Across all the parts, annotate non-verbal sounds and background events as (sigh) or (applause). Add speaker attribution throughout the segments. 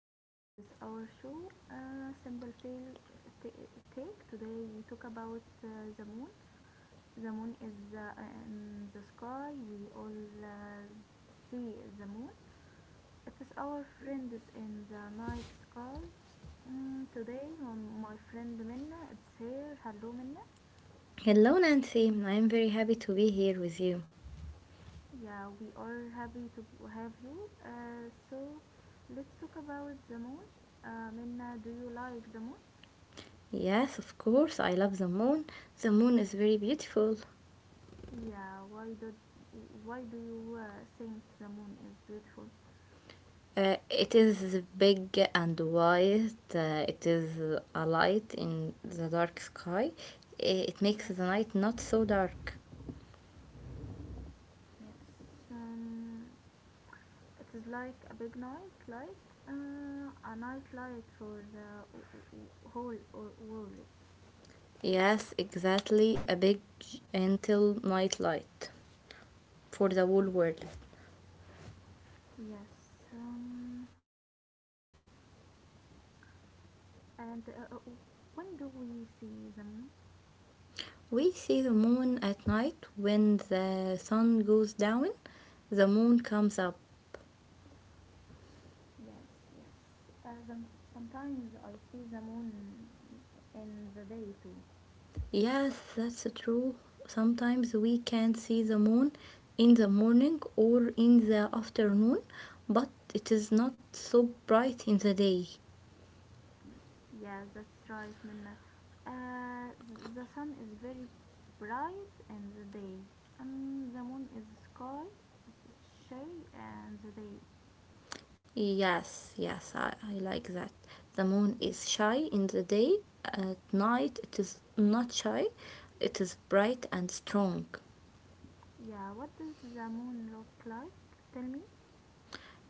Speaker 1: is Nancy. This is our show, Simple Tale Take. Today we talk about the moon. The moon is in the sky. We all uh, see the moon. It is our friend is in the night sky. Today, my friend Minna, it's here. Hello, Minna.
Speaker 2: Hello, Nancy. I'm very happy to be here with you.
Speaker 1: Yeah, we are happy to have you. So, let's talk about the moon. Minna, do you like the moon?
Speaker 2: Yes, of course, I love the moon. The moon is very beautiful.
Speaker 1: Yeah, why do you think the moon is beautiful?
Speaker 2: It is big and white. It is a light in the dark sky. It makes
Speaker 1: Yes,
Speaker 2: the night not so dark.
Speaker 1: yes. Um, it is like a big night light, a night light for the whole world.
Speaker 2: Yes, exactly. A big, gentle night light for the whole world.
Speaker 1: Yes. And when do we see the moon?
Speaker 2: We see the moon at night when the sun goes down, the moon comes up.
Speaker 1: Yes, yes. Uh, some, Sometimes I see the moon in the day too.
Speaker 2: Yes, that's true. Sometimes we can see the moon in the morning or in the afternoon, but it is not so bright in the day.
Speaker 1: Yeah, that's right, Minna. The sun is very bright in the day. The moon is sky, shy, and the day.
Speaker 2: Yes, yes, I like that. The moon is shy in the day, at night it is not shy, it is bright and strong.
Speaker 1: Yeah, what does the moon look like? Tell me.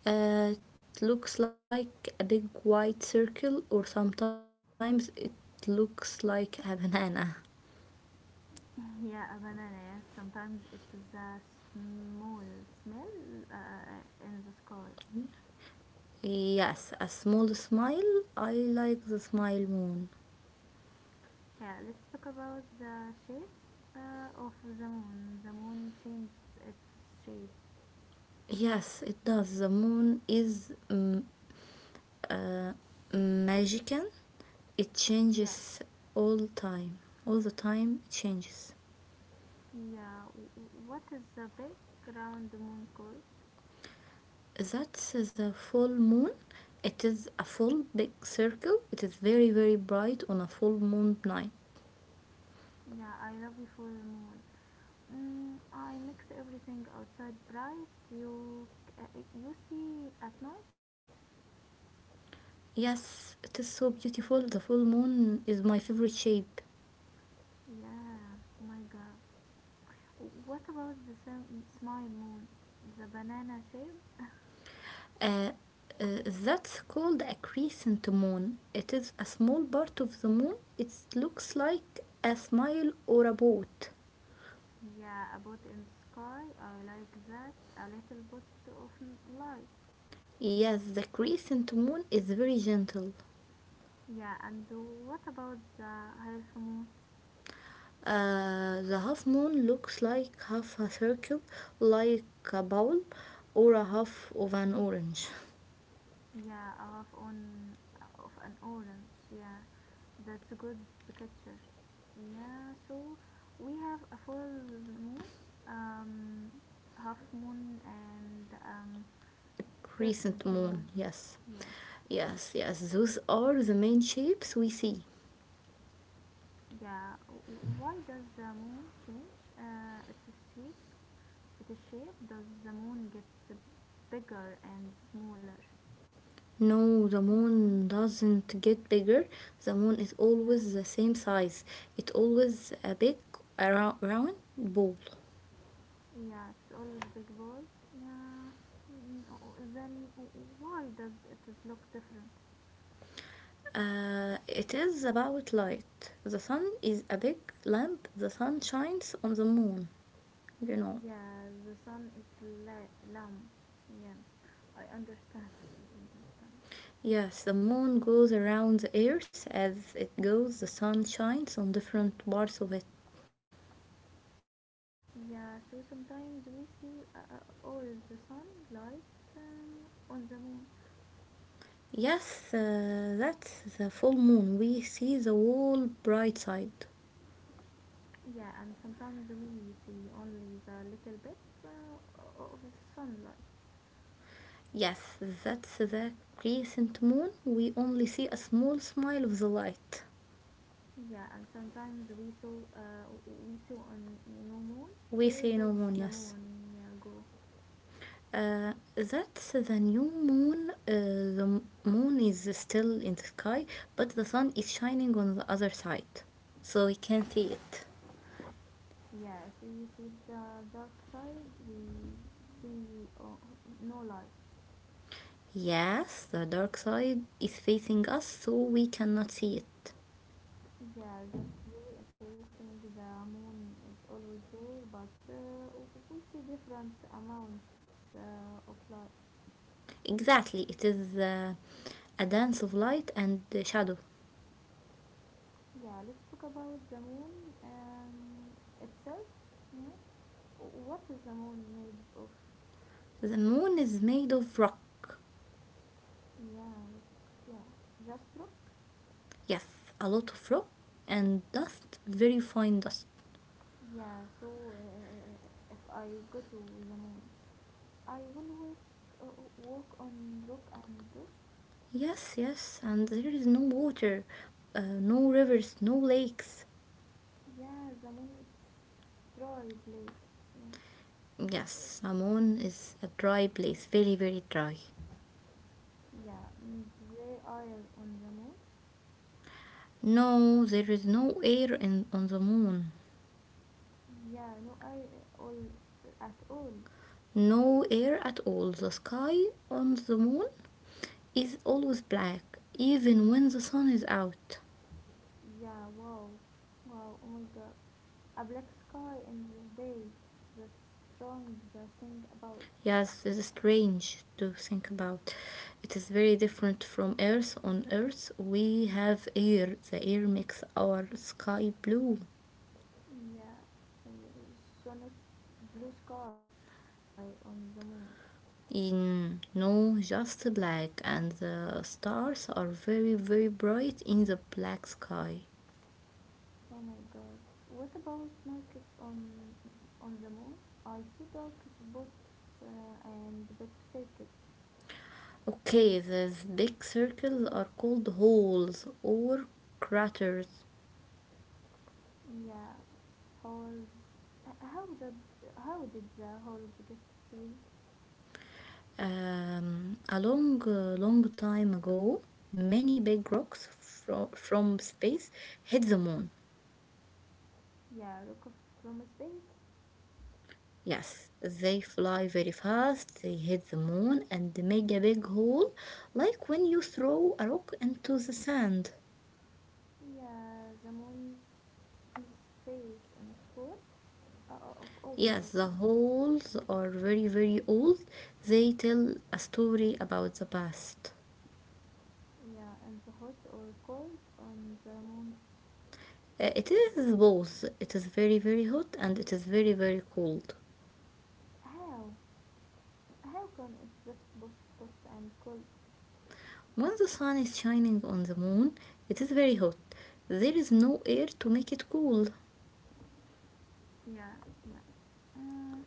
Speaker 2: Uh, it looks like a big white circle, or sometimes it looks like a (laughs) banana.
Speaker 1: (laughs) Yeah, a banana. Yes, sometimes it is a small smell in the sky.
Speaker 2: Yes, a small smile. I like the smile moon.
Speaker 1: Yeah, let's talk about the shapes of the moon. The moon changes its shape.
Speaker 2: Yes, it does. The moon is magical. It
Speaker 1: Yes,
Speaker 2: changes all time. All the time it changes.
Speaker 1: yeah. What is the big round moon called?
Speaker 2: That's the full moon. It is a full big circle. It is very very bright on a full moon night.
Speaker 1: Yeah, I love you full moon. Mm, I mix everything outside bright. You you see at night?
Speaker 2: Yes, it is so beautiful. The full moon is my favorite shape.
Speaker 1: Yeah, my God. What about the smile moon? The banana shape?
Speaker 2: Uh, that's called a crescent moon. It is a small part of the moon. It looks like a smile or a boat.
Speaker 1: Yeah, a boat in the sky. I like that. A little bit of light.
Speaker 2: Yes, the crescent moon is very gentle.
Speaker 1: Yeah, and what about the half moon?
Speaker 2: The half moon looks like half a circle, like a bowl, or a half of an orange.
Speaker 1: Yeah, a half on of an orange. Yeah. That's a good picture. Yeah, so we have a full moon, um, half moon, and
Speaker 2: Crescent
Speaker 1: crescent
Speaker 2: moon,
Speaker 1: moon.
Speaker 2: yes.
Speaker 1: Yes,
Speaker 2: Yes, yes, those are the main shapes we see.
Speaker 1: yeah. Why does the moon change its shape? Its shape does the moon get bigger and smaller?
Speaker 2: No, the
Speaker 1: Mm,
Speaker 2: moon doesn't get bigger. The moon is
Speaker 1: yeah,
Speaker 2: always the same size. It's always a big round ball.
Speaker 1: yeah. It's always big ball. Yeah. Mm, mm, oh, then why does it look different?
Speaker 2: It is about light. The sun is a big lamp. The sun shines on the moon, you know.
Speaker 1: Yeah, the sun is lamp. Yeah, I understand. Understand.
Speaker 2: Yes, the moon goes around the earth as it goes, the sun shines on different parts of it.
Speaker 1: Yeah, so sometimes we see all the sun light on the moon.
Speaker 2: Yes, that's the full moon. We see the whole bright side.
Speaker 1: Yeah, and sometimes we see only the little bit of the sunlight.
Speaker 2: Yes, that's the crescent moon. We only see a small smile of the light.
Speaker 1: Yeah, and sometimes we saw on no moon.
Speaker 2: We
Speaker 1: Where
Speaker 2: say no
Speaker 1: does
Speaker 2: moon,
Speaker 1: the
Speaker 2: yes.
Speaker 1: moon yeah, go?
Speaker 2: That's the new moon. The moon is still in the sky, but the sun is shining on the other side, so we can see it.
Speaker 1: Yes, we see the dark side. We see no light.
Speaker 2: Yes, the dark side is facing us, so we cannot see it.
Speaker 1: Yeah, that's really interesting. The moon is always there, but we see different amounts of light.
Speaker 2: Exactly, it is a dance of light and shadow.
Speaker 1: Yeah, let's talk about the moon itself. Yeah, what is the moon made of?
Speaker 2: The moon is made of rock.
Speaker 1: Yeah, rock. Yeah, just rock.
Speaker 2: Yes, a lot of rock and dust, very fine dust.
Speaker 1: Yeah, so if I go to the moon, I will work, walk on rock and dust.
Speaker 2: Yes, yes, and there is no water, no rivers, no lakes.
Speaker 1: Yeah, the moon is dry place. Yeah.
Speaker 2: Yes, Amon is a dry place, very, very dry.
Speaker 1: Yeah, mm, they are on the moon.
Speaker 2: No, there is no air in, on the moon.
Speaker 1: Yeah, no are all at all.
Speaker 2: No air at all. The sky on the moon is always black, even when the sun is out.
Speaker 1: Yeah, wow, wow, oh my god, a black sky in this day. That's strong. The thing about
Speaker 2: Yes, this is strange to think about. It is very different from Earth. On Earth, we have air. The air makes our sky blue.
Speaker 1: yeah, uh, Sonos blue sky on the moon.
Speaker 2: In no, just black, and the stars are very, very bright in the black sky.
Speaker 1: Oh my god, what about Marcus on the moon? I see dark spots and big circles.
Speaker 2: Okay, these big circles are called holes or craters.
Speaker 1: Yeah, holes. h- How did how did the holes get three?
Speaker 2: A long, long time ago, many big rocks from space hit the moon.
Speaker 1: Yeah, rock of from space.
Speaker 2: Yes, they fly very fast, they hit the moon and make a big hole, like when you throw a rock into the sand.
Speaker 1: Yeah, the moon's face and four of all the holes.
Speaker 2: Yes, the holes are very, very old. They tell a story about the past.
Speaker 1: Yeah, and the hot or cold on the moon.
Speaker 2: It is both. It is very, very hot and it is very, very cold.
Speaker 1: How how can it be both hot and cold?
Speaker 2: When the sun is shining on the moon, it is very hot. There is no air to make it cool.
Speaker 1: Yeah, yeah. Uh,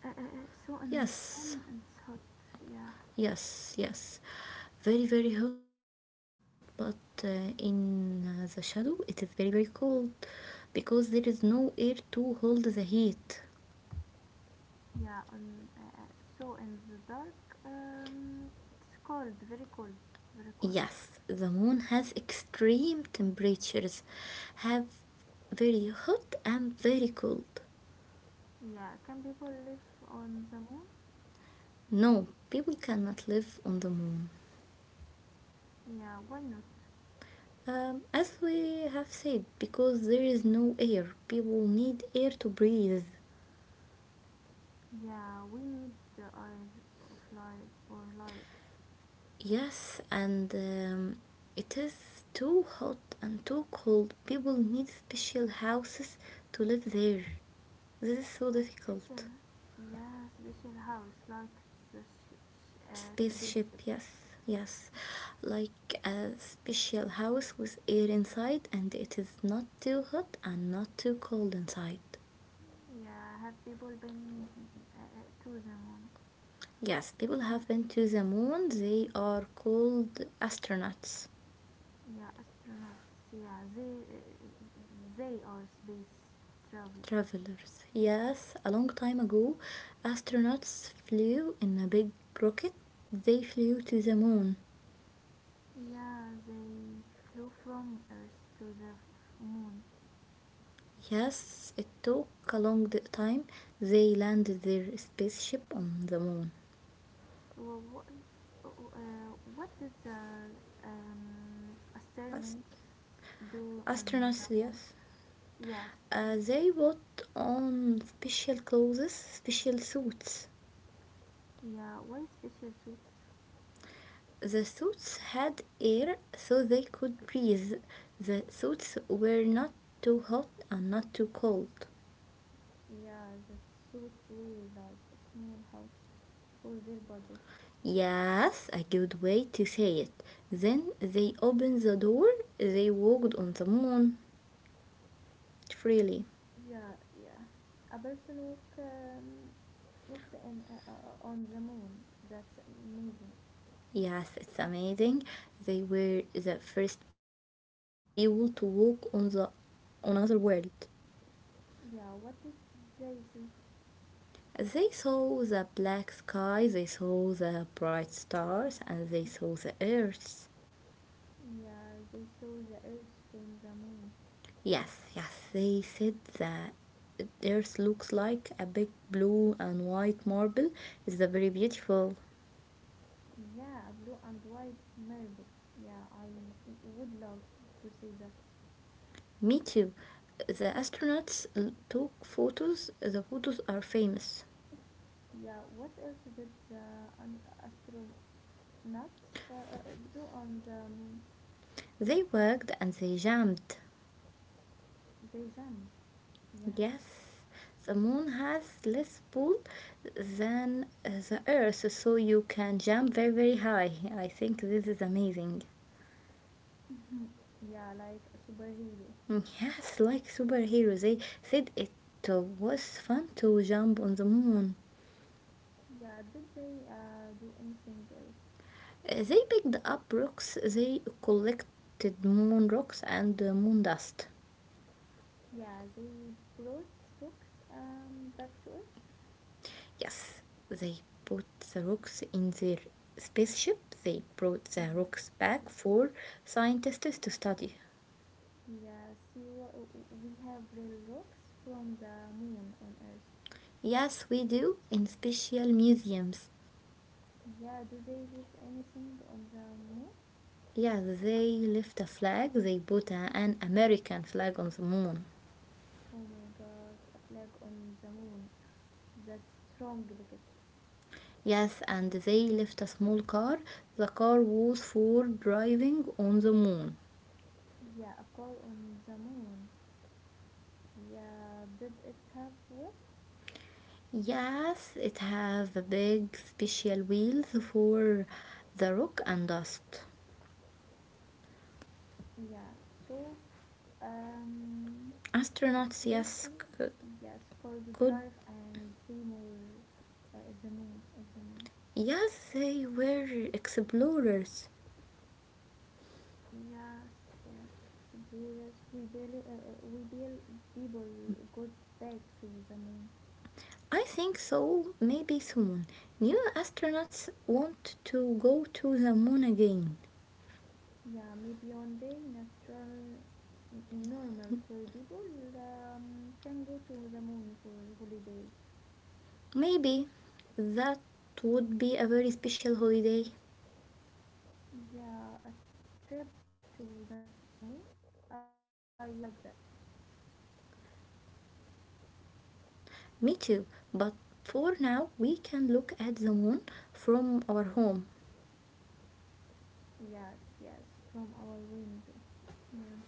Speaker 1: so and
Speaker 2: Yes.
Speaker 1: sun and hot. Yeah.
Speaker 2: Yes, yes. Very, very hot, but uh, in the shadow it is very, very cold because there is no air to hold the heat.
Speaker 1: Yeah, on so in the dark, it's cold, very cold, very cold.
Speaker 2: Yes, the moon has extreme temperatures, have very hot and very cold.
Speaker 1: Yeah, can people live on the moon?
Speaker 2: No, people cannot live on the moon.
Speaker 1: Yeah, why not?
Speaker 2: As we have said, because there is no air, people need air to breathe.
Speaker 1: Yeah, we need the air of life or life.
Speaker 2: Yes, and it is too hot and too cold. People need special houses to live there. This is
Speaker 1: A
Speaker 2: so
Speaker 1: special,
Speaker 2: difficult.
Speaker 1: yeah, special house like the
Speaker 2: Spaceship,
Speaker 1: spaceship.
Speaker 2: yes, yes. Like a special house with air inside, and it is not too hot and not too cold inside.
Speaker 1: Yeah, have people been to the moon?
Speaker 2: Yes, people
Speaker 1: Uh,
Speaker 2: have been to the moon. They are called astronauts.
Speaker 1: yeah, astronauts. Yeah, they are space travelers.
Speaker 2: Travelers. Yes, a long time ago, astronauts flew in a big rocket. They flew to the moon.
Speaker 1: Yeah, they flew from Earth to the moon.
Speaker 2: Yes, it took a long time. They landed their spaceship on the moon.
Speaker 1: Wha- What, what did the experiments do on the
Speaker 2: Astronauts,
Speaker 1: moon?
Speaker 2: yes.
Speaker 1: Yes,
Speaker 2: They put on special clothes, special suits.
Speaker 1: yeah, why special suits?
Speaker 2: The suits had air so they could breathe. The suits were not too hot and not too cold.
Speaker 1: Yeah, the suits were like a small house for their body.
Speaker 2: Yes, a good way to say it. Then they opened the door, they walked on the moon freely.
Speaker 1: Yeah, yeah. A person walk, walked in, on the moon. That's amazing.
Speaker 2: Yes, it's amazing. They were the first people to walk on the on another world.
Speaker 1: Yeah, what did they see?
Speaker 2: They saw the black sky, they saw the bright stars, and they saw the earth.
Speaker 1: Yeah, they saw the Earth from the moon.
Speaker 2: Yes, yes, they said that the earth looks like a big blue and white marble. It's very beautiful.
Speaker 1: Yeah, a blue and white marble. Yeah, I would love to see that.
Speaker 2: Me too. The astronauts took photos. The photos are famous.
Speaker 1: Yeah, what else did the astronauts do on the moon?
Speaker 2: They worked and they jammed.
Speaker 1: They jumped. Yeah,
Speaker 2: Yes, the moon has less pull than the earth, so you can jump very, very high. I think this is amazing.
Speaker 1: yeah, like a superhero.
Speaker 2: Mm, yes, like superheroes, they said it was fun to jump on the moon.
Speaker 1: Yeah, did they do anything else?
Speaker 2: They picked up rocks, they collected moon rocks and moon dust.
Speaker 1: Yeah, they brought rocks back to Earth.
Speaker 2: Yes, they put the rocks in their spaceship. They brought
Speaker 1: Yes,
Speaker 2: the rocks back
Speaker 1: yes.
Speaker 2: for scientists to study.
Speaker 1: Yes, you, we have real rocks from the moon on Earth.
Speaker 2: Yes, we do, in special museums.
Speaker 1: Yeah, do they leave anything on the moon?
Speaker 2: Yes, they left a flag. They put a- an American flag on the moon.
Speaker 1: Oh my god, a flag on the moon. That's strong picture.
Speaker 2: Yes, and they left a small car. The car was for driving on the moon.
Speaker 1: Yeah, a car on the moon. Yeah, did it have wheels?
Speaker 2: Yes, it has the big special wheels for the rock and dust.
Speaker 1: Yeah, so um, a
Speaker 2: Astronauts,
Speaker 1: tourist,
Speaker 2: yes, c-
Speaker 1: yes, called
Speaker 2: could
Speaker 1: drive and see more the moon of the moon.
Speaker 2: yes, they were explorers.
Speaker 1: Yes, yes, explorers. We build people got back to the moon.
Speaker 2: I think so, maybe soon. New astronauts want to go to the moon again.
Speaker 1: Yeah, maybe one day natural, normal, sorry, people can go to the moon for holiday.
Speaker 2: Maybe that would be a very special holiday.
Speaker 1: Yeah, a trip to the moon. I would like that.
Speaker 2: Me too, but for now we can look at the moon from our home.
Speaker 1: Yes, yes, from our window. Yeah,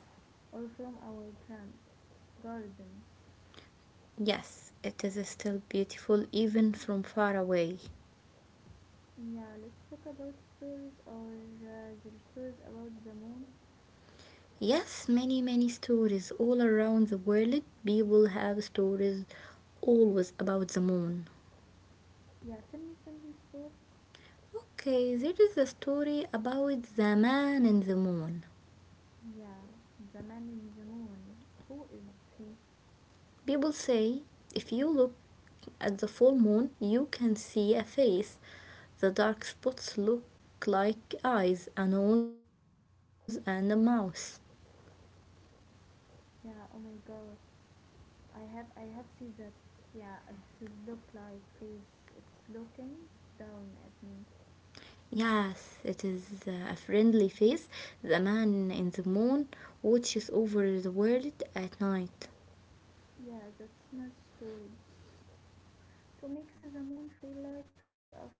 Speaker 1: or from our grand garden.
Speaker 2: Yes, it is still beautiful even from far away.
Speaker 1: Yeah, let's talk about stories or the stories about the moon.
Speaker 2: Yes, many, many stories all around the world. People have stories always about the moon.
Speaker 1: Yeah, tell me simple story.
Speaker 2: Okay, there is a story about the man in the moon.
Speaker 1: Yeah, the man in the moon. Who is he?
Speaker 2: People say if you look at the full moon, you can see a face. The dark spots look like eyes, a nose, and a mouth.
Speaker 1: Yeah, oh my god. I have seen that. Yeah, it's his look like face. It's looking down at me.
Speaker 2: Yes, it is a friendly face. The man in the moon watches over the world at night.
Speaker 1: Yeah, that's my story. To make the moon feel like a fry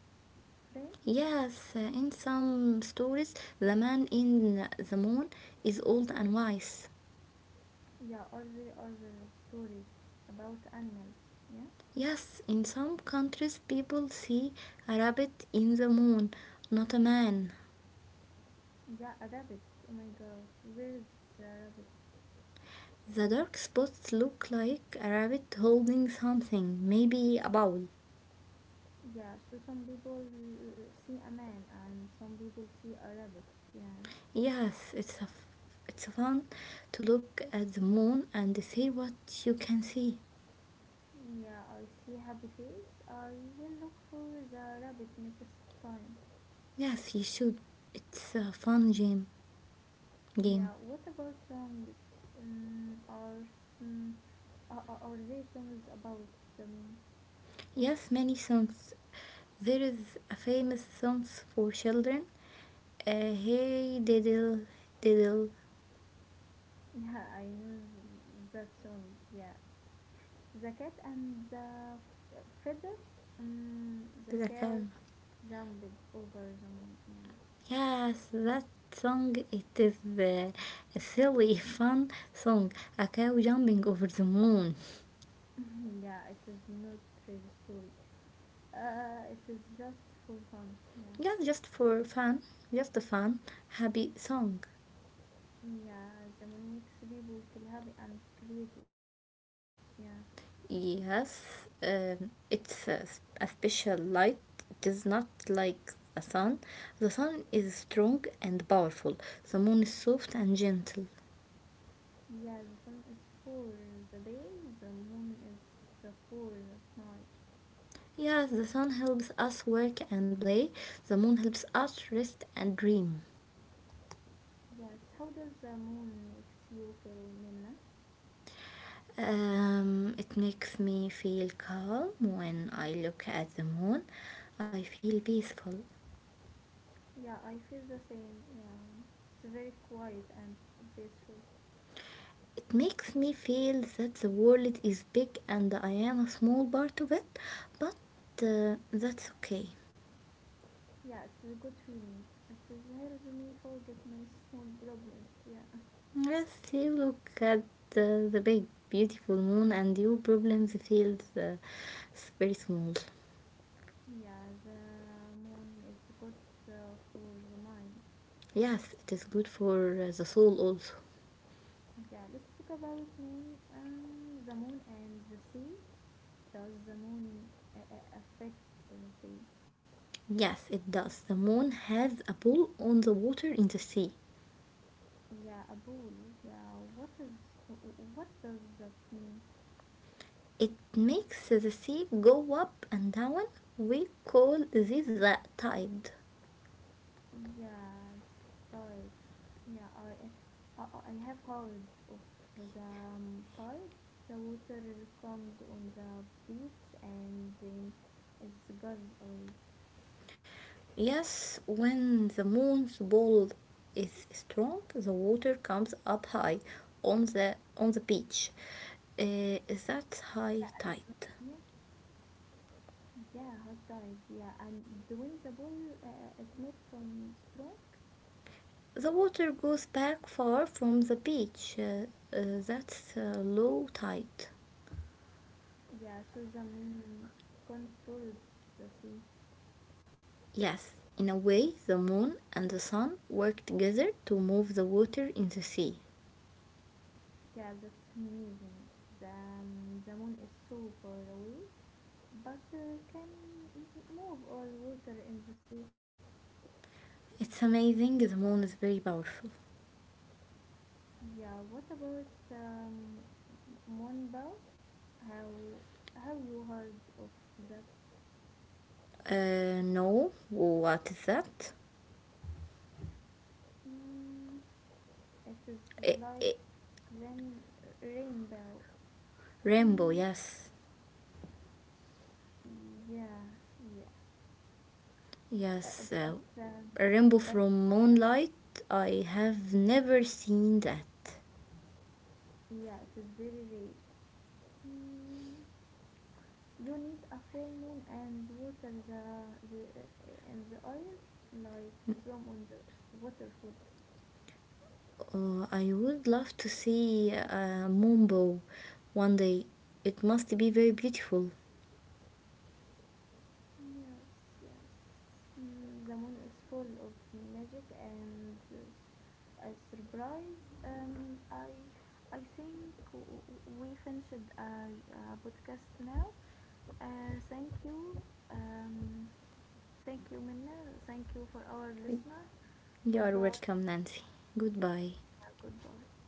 Speaker 1: frame.
Speaker 2: Yes, in some stories, the man in the moon is old and wise.
Speaker 1: Yeah, or there are other stories about animals. Yeah,
Speaker 2: Yes, in some countries, people see a rabbit in the moon, not a man.
Speaker 1: yeah, a rabbit. Oh my god, where is the rabbit?
Speaker 2: The dark spots look like a rabbit holding something, maybe a bowl.
Speaker 1: Yeah, so some people see a man and some people see a rabbit. Yeah,
Speaker 2: Yes, it's fun to look at the moon and see what you can see.
Speaker 1: yeah, I see happy face. I will look for the rabbit next time.
Speaker 2: Yes, you should. It's a fun game. Game.
Speaker 1: Yeah, what about songs? Mm, or mm, are there songs about the moon? (laughs)
Speaker 2: Yes, many songs. There is a famous songs for children. Hey diddle diddle
Speaker 1: Yeah, I know that song. Yeah, the cat and the fiddle. Mm, the
Speaker 2: the
Speaker 1: cow
Speaker 2: cow.
Speaker 1: jumped over the moon.
Speaker 2: Yes, that song it is a silly (laughs) fun song. A cow jumping over the moon.
Speaker 1: Yeah, (laughs) yeah, it is not real story. It is just for fun. Yeah.
Speaker 2: Yes, just for fun. Just a fun happy song.
Speaker 1: Yeah, the moon makes people feel happy and creative. Yeah.
Speaker 2: Yes, it's a special light. It is not like the sun. The sun is strong and powerful. The moon is soft and gentle.
Speaker 1: Yeah, the sun is for the day, the moon is the for at night.
Speaker 2: Yes, the sun helps us work and play. The moon helps us rest and dream.
Speaker 1: Yes, how does the moon makes you feel, Minna?
Speaker 2: It makes me feel calm when I look at the moon. I feel peaceful.
Speaker 1: Yeah, I feel the same. Yeah, it's very quiet and peaceful.
Speaker 2: It makes me feel that the world is big and I am a small part of it, but that's okay.
Speaker 1: Yeah, it's a good feeling. It has helped me forget my small problems. Yeah. (laughs)
Speaker 2: Yes, you look at the big, beautiful moon, and your problems feel very small.
Speaker 1: Yeah, the moon is good for the mind.
Speaker 2: Yes, it is good for the soul also.
Speaker 1: Yeah, let's talk about moon, the moon and the sea. Does the moon affect the sea?
Speaker 2: Yes, it does. The moon has a pull on the water in the sea.
Speaker 1: Yeah, a bull. Yeah, what is what does that mean?
Speaker 2: It makes the sea go up and down. We call this the tide.
Speaker 1: Yeah, start. Yeah, I, I have heard of the tide. The water comes on the beach and then it goes away.
Speaker 2: Yes, when the moon's pull is strong, the water comes up high on the beach. Uh,
Speaker 1: Yeah,
Speaker 2: that's
Speaker 1: I
Speaker 2: high
Speaker 1: and yeah,
Speaker 2: tide.
Speaker 1: yeah, hot diet. Yeah, and the winnable is not from strong.
Speaker 2: The water goes back far from the beach. That's low tide.
Speaker 1: Yeah, so the moon controls the sea.
Speaker 2: Yes, in a way, the moon and the sun work together to move the water in the sea.
Speaker 1: Yeah, that's amazing. The moon is so far away, but can move all water in the sea.
Speaker 2: It's amazing, the moon is very powerful.
Speaker 1: Yeah, what about Monbao? How have you heard of that?
Speaker 2: No, what is that?
Speaker 1: Mm, it is
Speaker 2: Eh,
Speaker 1: like
Speaker 2: eh,
Speaker 1: rain rainbow.
Speaker 2: Rainbow,
Speaker 1: Mm,
Speaker 2: yes.
Speaker 1: yeah, yeah. Uh, uh,
Speaker 2: Yes,
Speaker 1: but um,
Speaker 2: a rainbow
Speaker 1: but
Speaker 2: from moonlight.
Speaker 1: yeah,
Speaker 2: I have never seen that.
Speaker 1: yeah, it is very rare. Mm, you need a full moon and water the in the air like from on the waterfall.
Speaker 2: I would love to see a moonbow one day. It must be very beautiful.
Speaker 1: Yes, yes. Mm, the moon is full of magic and a surprise. I think we finished a podcast now. Thank you. Um, thank you, Minna. Thank you for our listener.
Speaker 2: You are
Speaker 1: Goodbye.
Speaker 2: welcome, Nancy. Goodbye.
Speaker 1: Yeah, Goodbye.